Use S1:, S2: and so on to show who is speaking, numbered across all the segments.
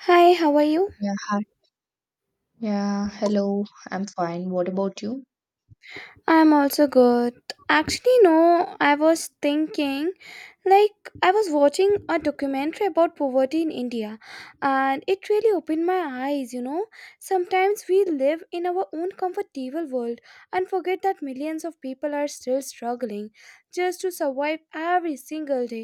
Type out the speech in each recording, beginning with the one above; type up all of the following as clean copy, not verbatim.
S1: Hi, how are you?
S2: Yeah. Yeah. Hello. I'm fine. What about you?
S1: I'm also good. Actually, no, I was thinking. Like, I was watching a documentary about poverty in India, and it really opened my eyes. Sometimes we live in our own comfortable world and forget that millions of people are still struggling just to survive every single day.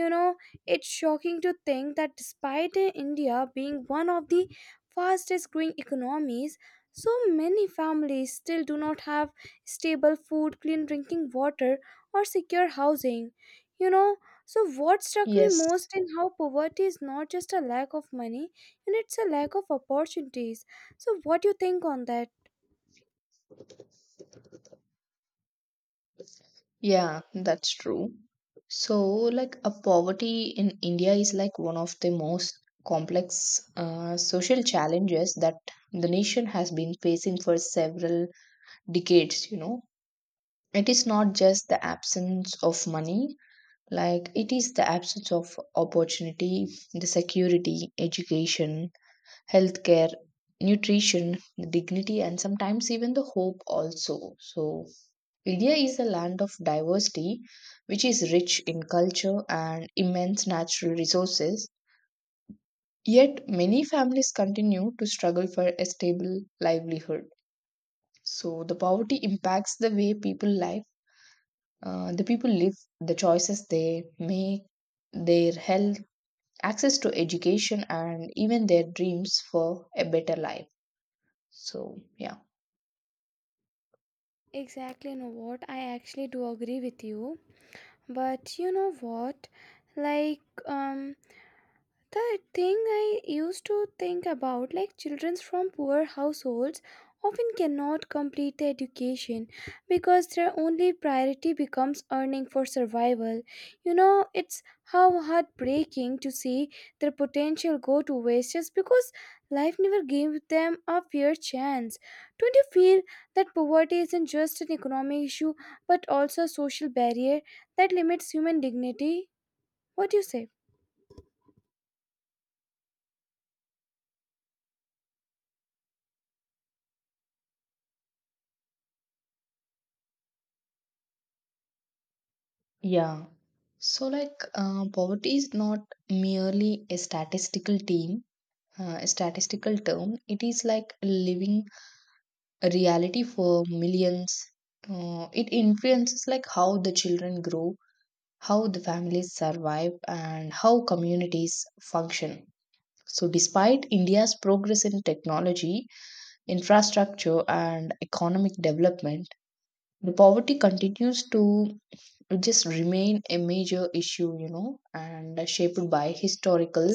S1: You know, it's shocking to think that despite India being one of the fastest growing economies, so many families still do not have stable food, clean drinking water, or secure housing. You know, what struck me
S2: Yes.
S1: most in how poverty is not just a lack of money, and it's a lack of opportunities. So, what do you think on that?
S2: Yeah, that's true. So, like, a poverty in India is like one of the most complex social challenges that the nation has been facing for several decades, you know. It is not just the absence of money, like, it is the absence of opportunity, the security, education, healthcare, nutrition, dignity, and sometimes even the hope also. So, India is a land of diversity, which is rich in culture and immense natural resources. Yet, many families continue to struggle for a stable livelihood. So, the poverty impacts the way the people live, the choices they make, their health, access to education, and even their dreams for a better life. So, yeah.
S1: Exactly, you know what? I actually do agree with you. But you know what? Like, um, The thing I used to think about, like children from poor households, often cannot complete their education because their only priority becomes earning for survival. You know, it's how heartbreaking to see their potential go to waste just because life never gave them a fair chance. Don't you feel that poverty isn't just an economic issue but also a social barrier that limits human dignity? What do you say?
S2: Yeah. So, like, poverty is not merely a statistical term. It is like a living reality for millions. It influences like how the children grow, how the families survive, and how communities function. So, despite India's progress in technology, infrastructure, and economic development, the poverty continues to just remain a major issue, you know, and shaped by historical,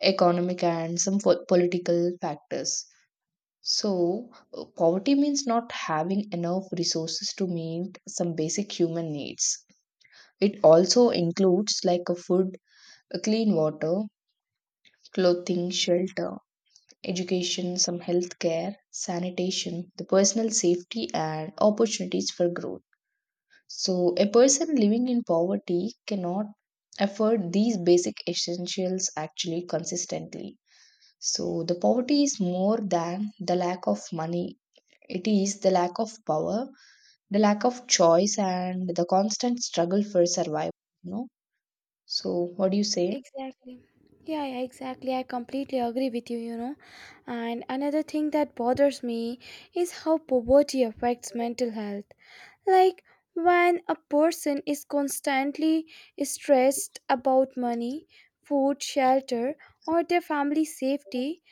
S2: economic, and some political factors. So, poverty means not having enough resources to meet some basic human needs. It also includes like a food, a clean water, clothing, shelter, education, some health care, sanitation, the personal safety, and opportunities for growth. So, a person living in poverty cannot afford these basic essentials actually consistently. So, the poverty is more than the lack of money, it is the lack of power, the lack of choice, and the constant struggle for survival. You know? So, what do you say?
S1: Exactly. Yeah, yeah, exactly. I completely agree with you, you know. And another thing that bothers me is how poverty affects mental health. Like when a person is constantly stressed about money, food, shelter, or their family safety,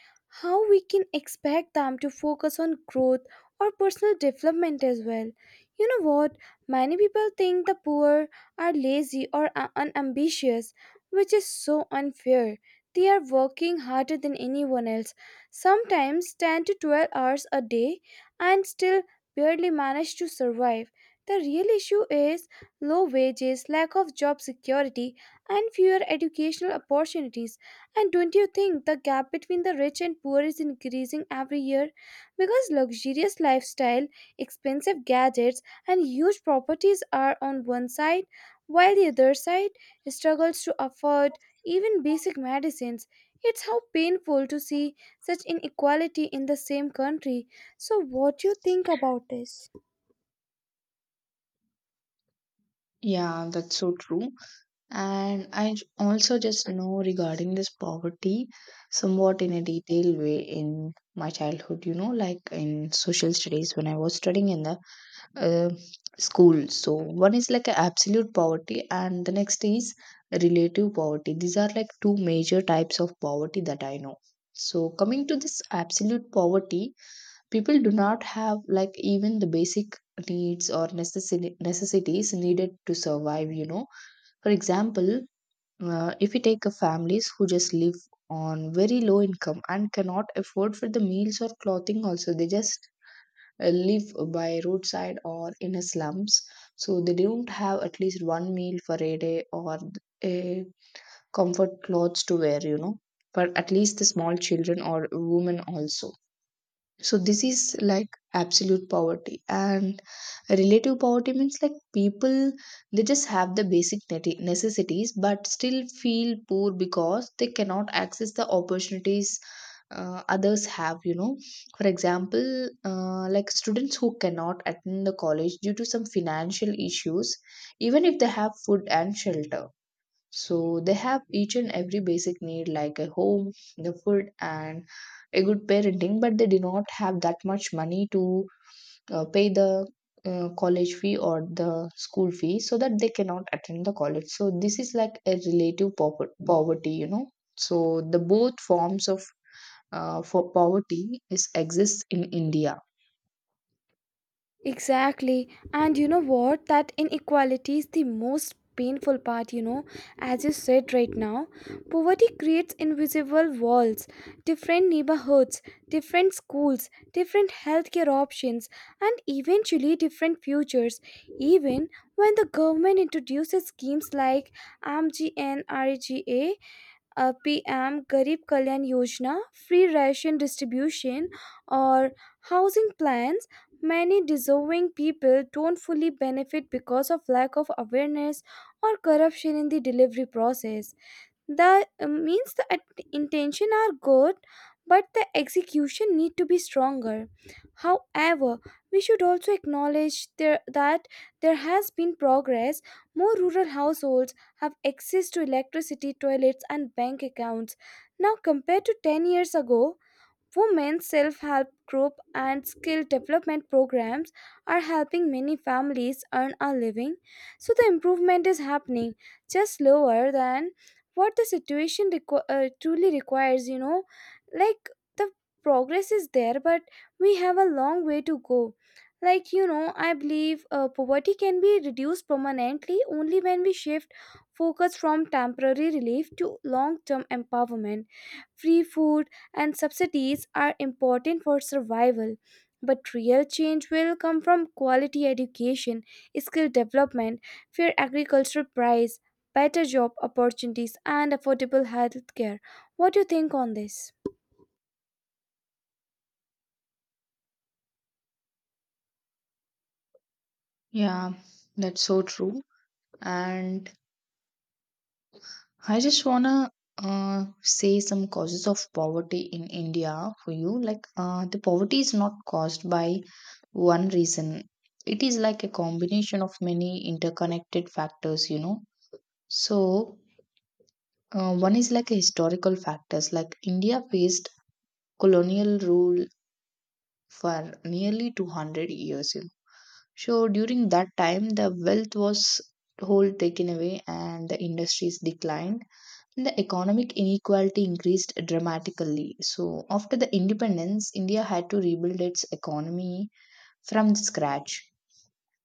S1: how we can expect them to focus on growth or personal development as well? You know what? Many people think the poor are lazy or unambitious, which is so unfair. They are working harder than anyone else, sometimes 10 to 12 hours a day, and still barely manage to survive. The real issue is low wages, lack of job security, and fewer educational opportunities. And don't you think the gap between the rich and poor is increasing every year? Because luxurious lifestyle, expensive gadgets, and huge properties are on one side, while the other side struggles to afford even basic medicines. It's how painful to see such inequality in the same country. So, what do you think about this?
S2: Yeah, that's so true. And I also just know regarding this poverty somewhat in a detailed way in my childhood, you know, like in social studies when I was studying in the uh, school. So, one is like a absolute poverty, and the next is relative poverty. These are like two major types of poverty that I know. So, coming to this absolute poverty, people do not have like even the basic needs or necessities needed to survive, you know. For example, if we take a families who just live on very low income and cannot afford for the meals or clothing also they just live by roadside or in a slums so they don't have at least one meal for a day or a comfort clothes to wear, you know, for at least the small children or women also. So this is like absolute poverty. And relative poverty means like people they just have the basic necessities but still feel poor because they cannot access the opportunities others have, you know. For example, like students who cannot attend the college due to some financial issues even if they have food and shelter. So they have each and every basic need like a home, the food, and a good parenting, but they do not have that much money to pay the college fee or the school fee so that they cannot attend the college. So this is like a relative poverty, you know. So the both forms of for poverty is exists in India.
S1: Exactly. And you know what? That inequality is the most painful part, you know, as you said right now. Poverty creates invisible walls, different neighborhoods, different schools, different healthcare options, and eventually different futures. Even when the government introduces schemes like AMGNREGA, PM Garib Kalyan Yojana, free ration distribution, or housing plans, many deserving people don't fully benefit because of lack of awareness or corruption in the delivery process. The means the intention are good, but the execution need to be stronger. However, we should also acknowledge there, that there has been progress. More rural households have access to electricity, toilets, and bank accounts now compared to 10 years ago. Women's self help group and skill development programs are helping many families earn a living, so the improvement is happening just slower than what the situation truly requires, you know. Like, the progress is there, but we have a long way to go. Like, you know, I believe poverty can be reduced permanently only when we shift focus from temporary relief to long term empowerment. Free food and subsidies are important for survival. But real change will come from quality education, skill development, fair agricultural price, better job opportunities, and affordable health care. What do you think on this?
S2: Yeah, that's so true. And I just wanna say some causes of poverty in India for you. Like, the poverty is not caused by one reason, it is like a combination of many interconnected factors, you know. So, one is like a historical factors, like India faced colonial rule for nearly 200 years, you know. So, during that time, the wealth was whole taken away and the industries declined. The economic inequality increased dramatically. So, after the independence, India had to rebuild its economy from scratch.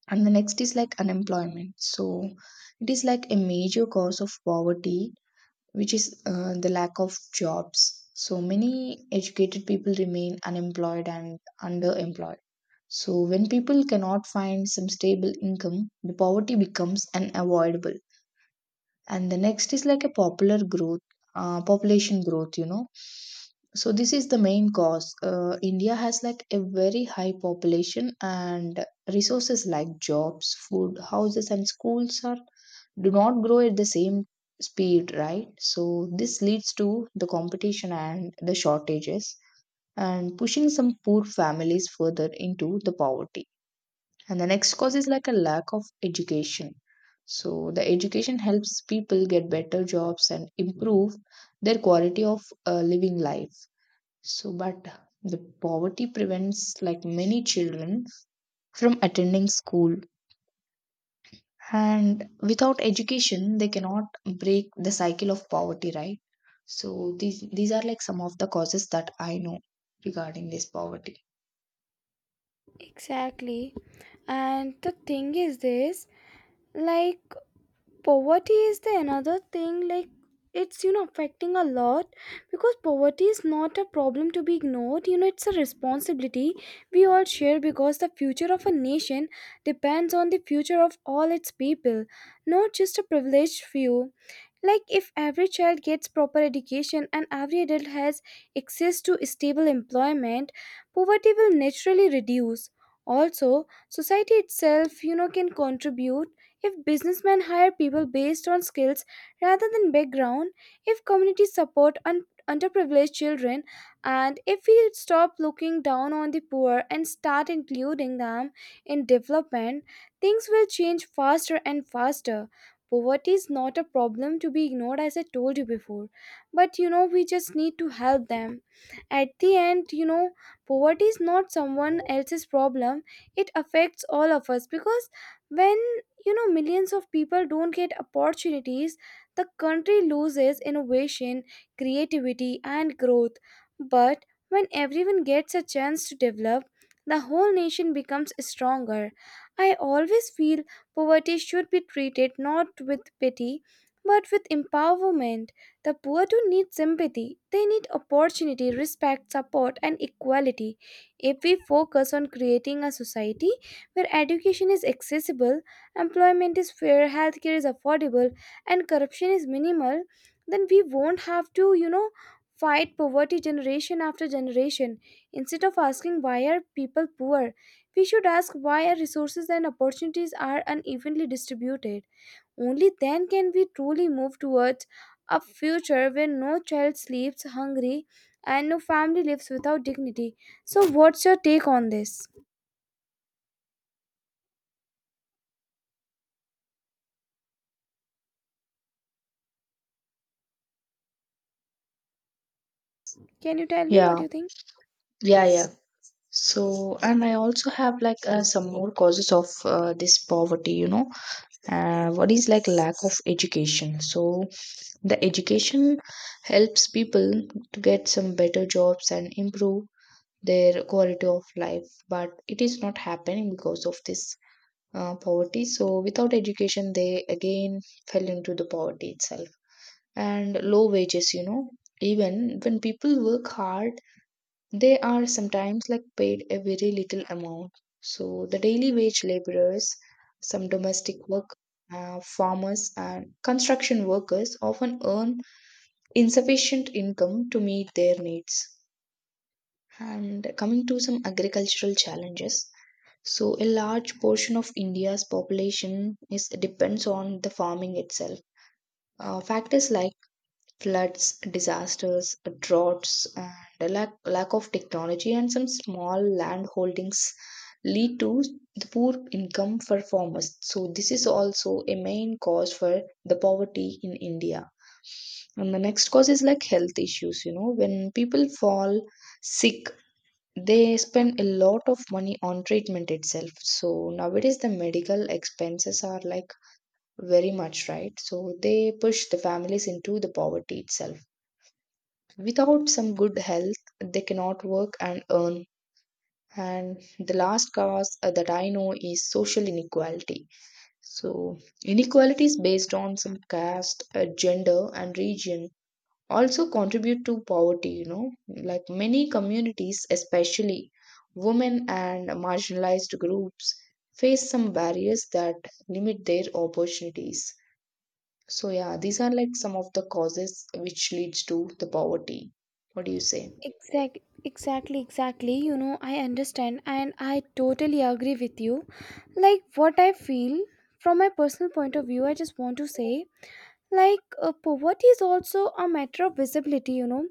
S2: And the next is like unemployment. So, it is like a major cause of poverty, which is the lack of jobs. So, many educated people remain unemployed and underemployed. So, when people cannot find some stable income, the poverty becomes unavoidable. And the next is like a popular growth population growth, you know. So this is the main cause. India has like a very high population and resources like jobs, food, houses, and schools are do not grow at the same speed, right? So this leads to the competition and the shortages and pushing some poor families further into the poverty. And the next cause is like a lack of education. So the education helps people get better jobs and improve their quality of living life. So but the poverty prevents like many children from attending school, and without education they cannot break the cycle of poverty, right? So these are like some of the causes that I know regarding this poverty.
S1: Exactly. And the thing is this, like poverty is the another thing, like it's, you know, affecting a lot, because poverty is not a problem to be ignored, you know. It's a responsibility we all share, because the future of a nation depends on the future of all its people, not just a privileged few. Like, if every child gets proper education and every adult has access to stable employment, poverty will naturally reduce. Also, society itself, you know, can contribute. If businessmen hire people based on skills rather than background, if communities support underprivileged children, and if we stop looking down on the poor and start including them in development, things will change faster and faster. Poverty is not a problem to be ignored, as I told you before. But you know, we just need to help them. At the end, you know, poverty is not someone else's problem, it affects all of us, because when, you know, millions of people don't get opportunities, the country loses innovation, creativity, and growth. But when everyone gets a chance to develop, the whole nation becomes stronger. I always feel poverty should be treated not with pity but with empowerment. The poor don't need sympathy, they need opportunity, respect, support, and equality. If we focus on creating a society where education is accessible, employment is fair, healthcare is affordable, and corruption is minimal, then we won't have to, you know, fight poverty generation after generation. Instead of asking why are people poor, we should ask why our resources and opportunities are unevenly distributed. Only then can we truly move towards a future where no child sleeps hungry and no family lives without dignity. So, what's your take on this? Can you tell me what
S2: Yeah,
S1: you think?
S2: yeah. So, and I also have like some more causes of this poverty, you know. What is like lack of education? So, the education helps people to get some better jobs and improve their quality of life, but it is not happening because of this poverty. So, without education, they again fell into the poverty itself and low wages, you know. Even when people work hard they are sometimes like paid a very little amount. So the daily wage laborers, some domestic work, farmers, and construction workers often earn insufficient income to meet their needs. And coming to some agricultural challenges, so a large portion of India's population is depends on the farming itself. Factors like floods, disasters, droughts, and the lack of technology and some small land holdings lead to the poor income for farmers. So this is also a main cause for the poverty in India. And the next cause is like health issues. You know, when people fall sick, they spend a lot of money on treatment itself. So nowadays, the medical expenses are like very much, right? So they push the families into the poverty itself. Without some good health, they cannot work and earn. And the last cause that I know is social inequality. So, inequalities based on some caste, gender, and region also contribute to poverty, you know. Like many communities, especially women and marginalized groups, face some barriers that limit their opportunities. So, yeah, these are like some of the causes which leads to the poverty. What do you say?
S1: Exact, exactly. You know, I understand and I totally agree with you. Like, what I feel from my personal point of view, I just want to say, like, poverty is also a matter of visibility, you know.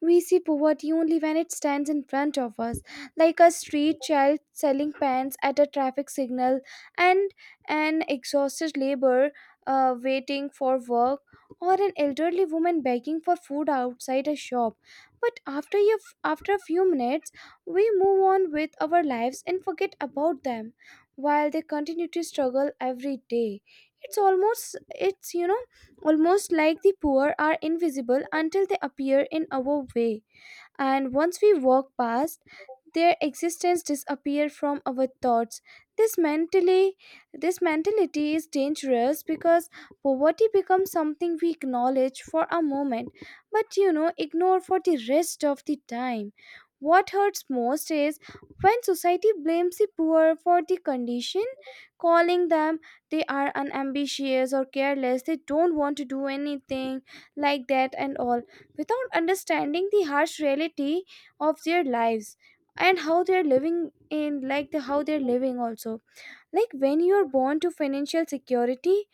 S1: We see poverty only when it stands in front of us, like a street child selling pants at a traffic signal, and an exhausted labor waiting for work, or an elderly woman begging for food outside a shop. But after a few minutes we move on with our lives and forget about them, while they continue to struggle every day. It's almost it's you know almost like the poor are invisible until they appear in our way, and once we walk past, their existence disappear from our thoughts. this mentally this mentality is dangerous, because poverty becomes something we acknowledge for a moment, but, you know, ignore for the rest of the time. What hurts most is when society blames the poor for the condition, calling them, they are unambitious or careless, they don't want to do anything, like that and all, without understanding the harsh reality of their lives, and how they're living in, like, the how they're living also. Like, when you're born to financial security,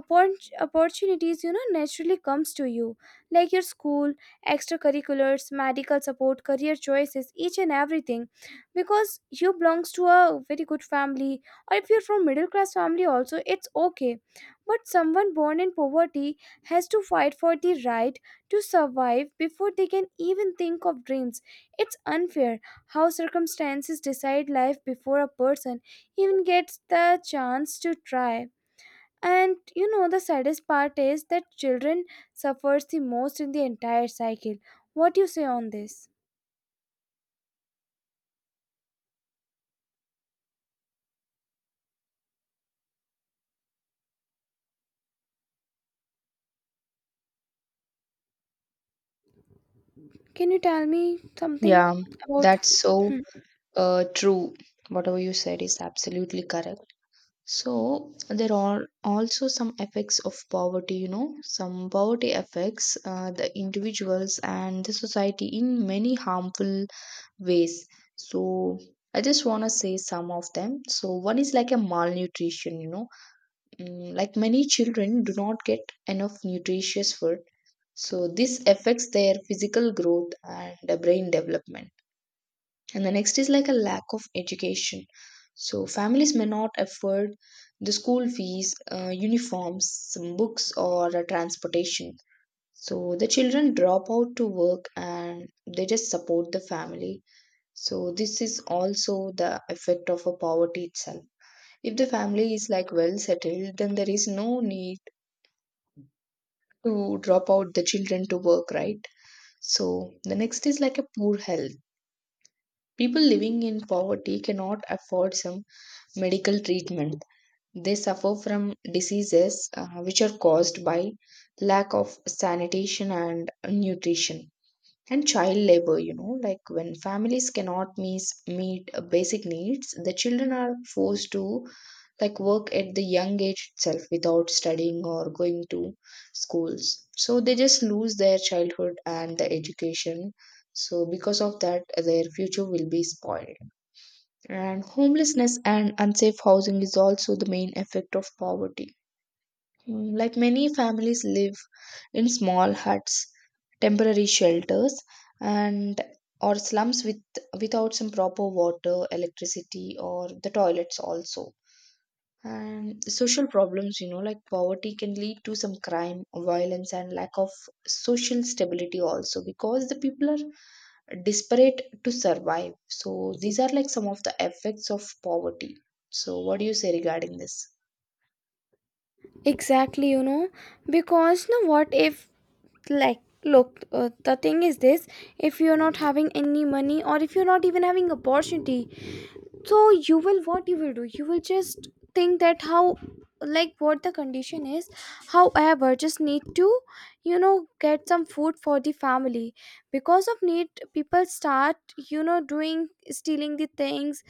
S1: opportunities, you know, naturally comes to you, like your school, extracurriculars, medical support, career choices, each and everything, because you belongs to a very good family, or if you're from middle class family also, it's okay. But someone born in poverty has to fight for the right to survive before they can even think of dreams. It's unfair how circumstances decide life before a person even gets the chance to try. And you know, the saddest part is that children suffers the most in the entire cycle. What do you say on this? Can you tell me something
S2: Yeah,
S1: about this?
S2: that's so
S1: Hmm.
S2: true. Whatever you said is absolutely correct. So there are also some effects of poverty, you know, some poverty affects the individuals and the society in many harmful ways. So I just want to say some of them. So one is like a malnutrition, you know, like many children do not get enough nutritious food. So this affects their physical growth and brain development. And the next is like a lack of education. So families may not afford the school fees, uniforms, some books, or transportation. So the children drop out to work and they just support the family. So this is also the effect of a poverty itself. If the family is like well settled then there is no need to drop out the children to work, right? So the next is like a poor health. People living in poverty cannot afford some medical treatment. They suffer from diseases which are caused by lack of sanitation and nutrition. And child labor, you know, like when families cannot meet basic needs, the children are forced to like work at the young age itself without studying or going to schools. So they just lose their childhood and the education. So because of that, their future will be spoiled. And homelessness and unsafe housing is also the main effect of poverty. Like many families live in small huts, temporary shelters, and or slums with without some proper water, electricity, or the toilets also. And social problems, you know, like poverty can lead to some crime, violence, and lack of social stability also because the people are desperate to survive. So these are like some of the effects of poverty. So what do you say regarding this?
S1: Exactly, you know, because you know what, if like look the thing is this, if you're not having any money, or if you're not even having opportunity, so you will, what you will do, you will just think that how, like, what the condition is, however just need to, you know, get some food for the family, because of need, people start, you know, doing stealing the things,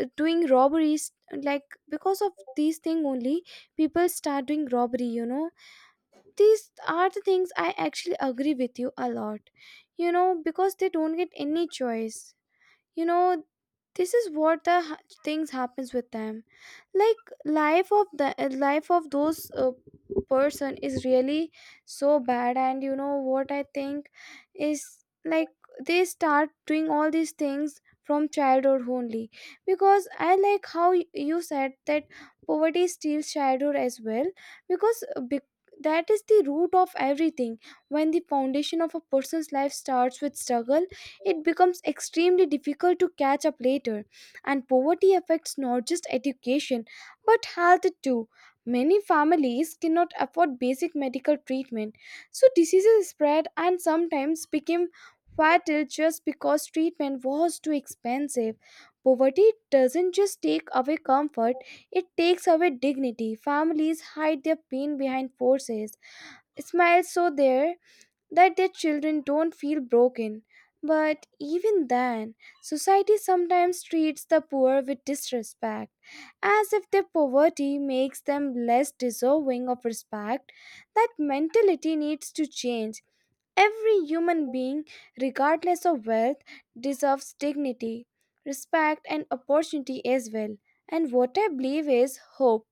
S1: doing robberies. Like, because of these thing only, people start doing robbery, you know. These are the things I actually agree with you a lot, you know, because they don't get any choice, you know. This is what things happens with them. Like, life of those person is really so bad. And you know what I think is, like, they start doing all these things from childhood only, because I like how you said that poverty steals childhood as well, because that is the root of everything. When the foundation of a person's life starts with struggle, it becomes extremely difficult to catch up later. And poverty affects not just education but health too. Many families cannot afford basic medical treatment, so diseases spread and sometimes became fatal just because treatment was too expensive. Poverty doesn't just take away comfort, it takes away dignity. Families hide their pain behind forces. Smiles so their that their children don't feel broken. But even then, society sometimes treats the poor with disrespect, as if their poverty makes them less deserving of respect. That mentality needs to change. Every human being, regardless of wealth, deserves dignity, respect, and opportunity as well. And what I believe is hope.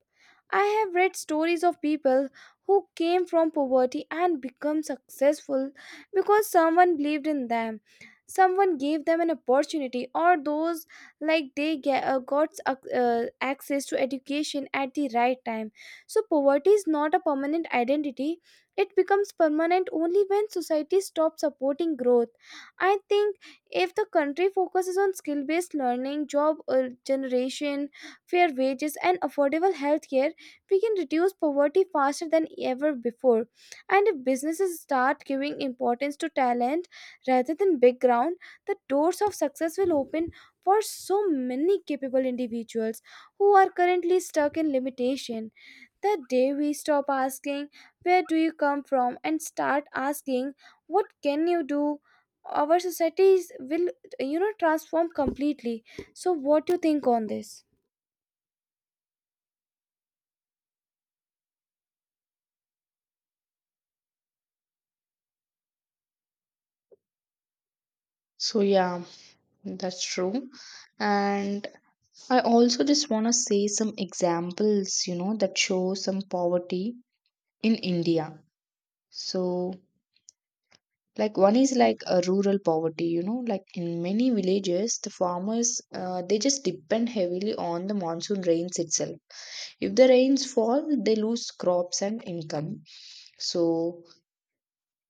S1: I have read stories of people who came from poverty and become successful because someone believed in them. Someone gave them an opportunity, or those like they got access to education at the right time. So, poverty is not a permanent identity, it becomes permanent only when society stops supporting growth. I think if the country focuses on skill based learning, job generation, fair wages, and affordable healthcare, we can reduce poverty faster than ever before. And if businesses start giving importance to talent rather than background, the doors of success will open for so many capable individuals who are currently stuck in limitation. The day we stop asking, "Where do you come from?" and start asking, "What can you do?" Our societies will transform completely. So, what do you think on this?
S2: So yeah, that's true. And I also just want to say some examples, you know, that show some poverty in India. So like one is like a rural poverty, you know, like in many villages the farmers they just depend heavily on the monsoon rains itself. If the rains fall they lose crops and income. So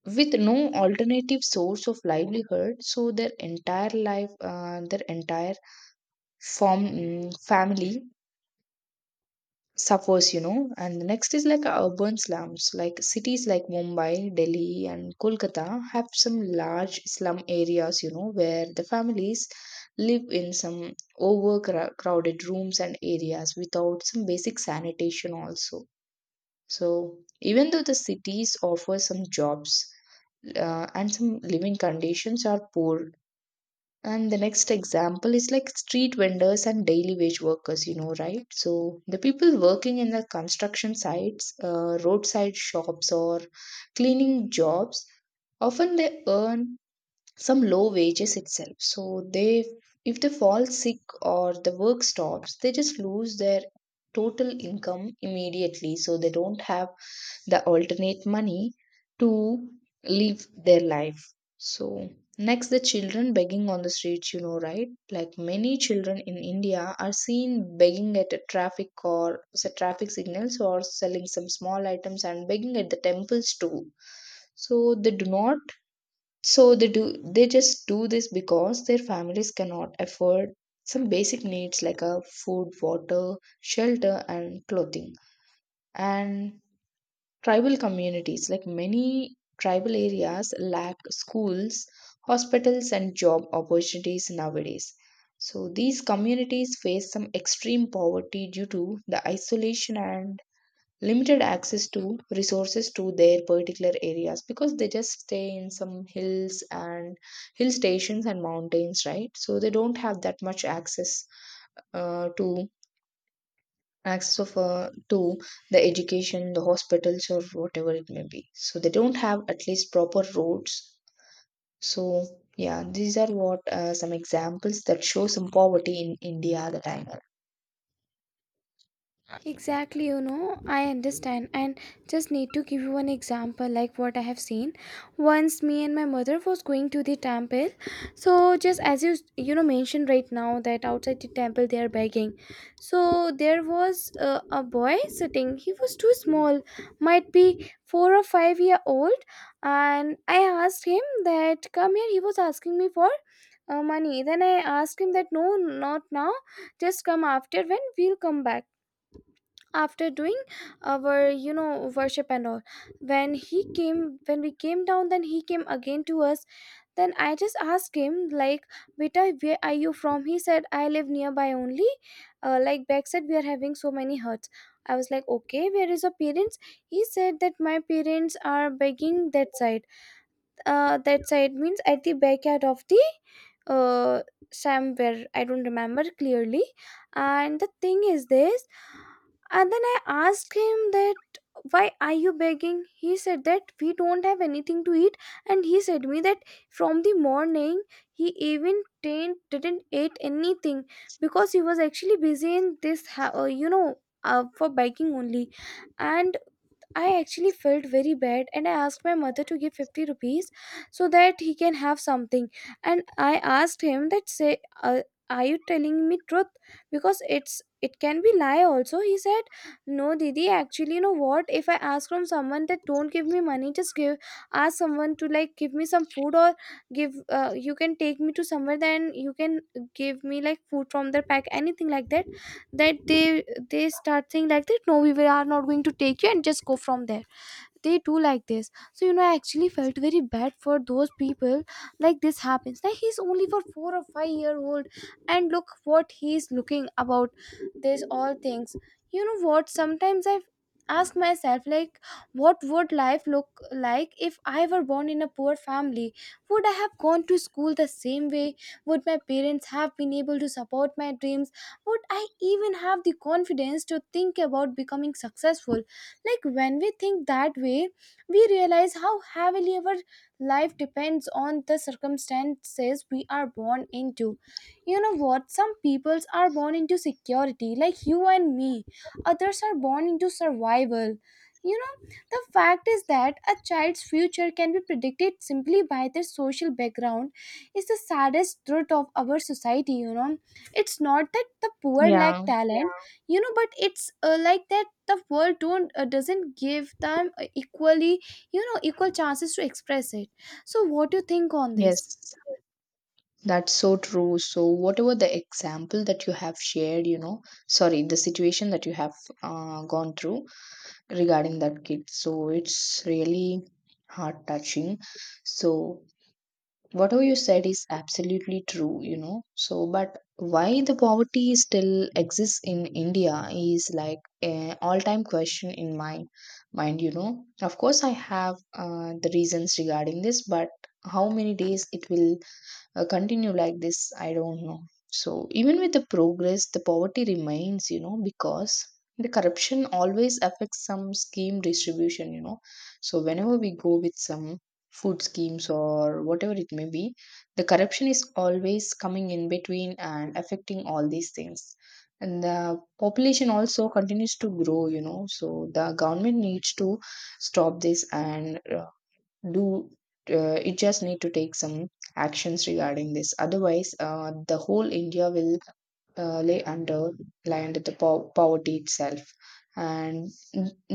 S2: with no alternative source of livelihood, so their entire life, their entire family suffers, you know. And the next is like urban slums, like cities like Mumbai, Delhi, and Kolkata have some large slum areas, you know, where the families live in some overcrowded rooms and areas without some basic sanitation, also. So, even though the cities offer some jobs and some living conditions are poor, and the next example is like street vendors and daily wage workers, you know, right? So the people working in the construction sites, roadside shops, or cleaning jobs often they earn some low wages itself, so they, if they fall sick or the work stops, they just lose their total income immediately, so they don't have the alternate money to live their life. So next, the children begging on the streets, you know, right? Like many children in India are seen begging at a traffic or traffic signals, or selling some small items and begging at the temples too. So they do not, so they do, they just do this because their families cannot afford some basic needs like a food, water, shelter and clothing. And tribal communities, like many tribal areas lack schools, hospitals and job opportunities nowadays. So these communities face some extreme poverty due to the isolation and limited access to resources to their particular areas, because they just stay in some hills and hill stations and mountains, right? So they don't have that much access to access of to the education, the hospitals, or whatever it may be, so they don't have at least proper roads. So yeah, these are what, some examples that show some poverty in India at the time.
S1: Exactly, I understand and just need to give you an example like what I have seen. Once me and my mother was going to the temple. So just as you you know mentioned right now that outside the temple they are begging. So there was a boy sitting. He was too small, might be 4 or 5-year old, and I asked him that come here. He was asking me for money. Then I asked him that no, not now. Just come after when we'll come back after doing our worship and all. When we came down, then he came again to us. Then I just asked him like, beta, where are you from? He said, I live nearby only. Like back said we are having so many hurts. I was like, okay, where is your parents? He said that my parents are begging that side. That side means at the backyard of the, uh, somewhere, I don't remember clearly. And the thing is this, and then I asked him that why are you begging? He said that we don't have anything to eat, and he said me that from the morning he even didn't eat anything because he was actually busy in this for biking only. And I actually felt very bad and I asked my mother to give 50 rupees so that he can have something. And I asked him that say, are you telling me truth, because it can be lie also. He said, no, Didi, actually, you know what, if I ask from someone that don't give me money, just give, ask someone to like give me some food, or give, you can take me to somewhere, then you can give me like food from their pack, anything like that, that they start saying like that, no, we are not going to take you and just go from there. They do like this, so I actually felt very bad for those people. Like this happens, like, he's only for 4 or 5 year old and look what he's looking about this all things. You know what, sometimes I ask myself like, what would life look like if I were born in a poor family? Would I have gone to school the same way? Would my parents have been able to support my dreams? Would I even have the confidence to think about becoming successful? Like when we think that way, we realize how heavily our life depends on the circumstances we are born into. You know what? Some peoples are born into security, like you and me. Others are born into survival. The fact is that a child's future can be predicted simply by their social background is the saddest truth of our society. It's not that the poor lack,
S2: Yeah.
S1: yeah, talent, but it's like that the world don't doesn't give them equally you know equal chances to express it. So what do you think on this?
S2: Yes. That's so true. So, whatever the example that you have shared, you know, sorry, the situation that you have gone through regarding that kid. So, it's really heart touching. So, whatever you said is absolutely true, you know. So, but why the poverty still exists in India is like an all time question in my mind, you know. Of course, I have the reasons regarding this, but how many days it will continue like this, I don't know. So even with the progress, the poverty remains, you know, because the corruption always affects some scheme distribution, you know. So whenever we go with some food schemes or whatever it may be, the corruption is always coming in between and affecting all these things, and the population also continues to grow, you know. So the government needs to stop this and do you just need to take some actions regarding this, otherwise the whole India will lay under lie under the poverty itself. And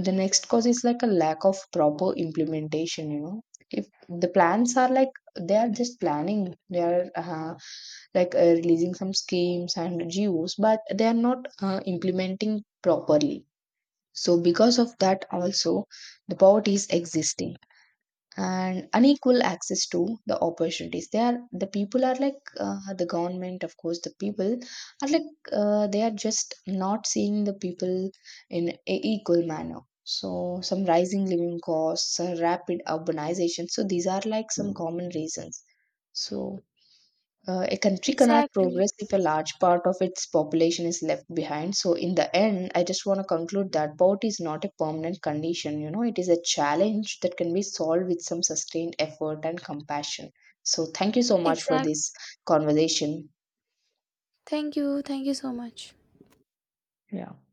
S2: the next cause is like a lack of proper implementation, you know. If the plans are like, they are just planning, they are releasing some schemes and GOs, but they are not implementing properly. So, because of that, also the poverty is existing. And unequal access to the opportunities, they are, the people are like, the government, of course, the people are like, they are just not seeing the people in a equal manner. So some rising living costs, rapid urbanization, so these are like some common reasons. So a country cannot
S1: Exactly.
S2: progress if a large part of its population is left behind. So, in the end, I just want to conclude that poverty is not a permanent condition. You know, it is a challenge that can be solved with some sustained effort and compassion. So, thank you so much for
S1: Exactly.
S2: this conversation.
S1: Thank you. Thank you so much.
S2: Yeah.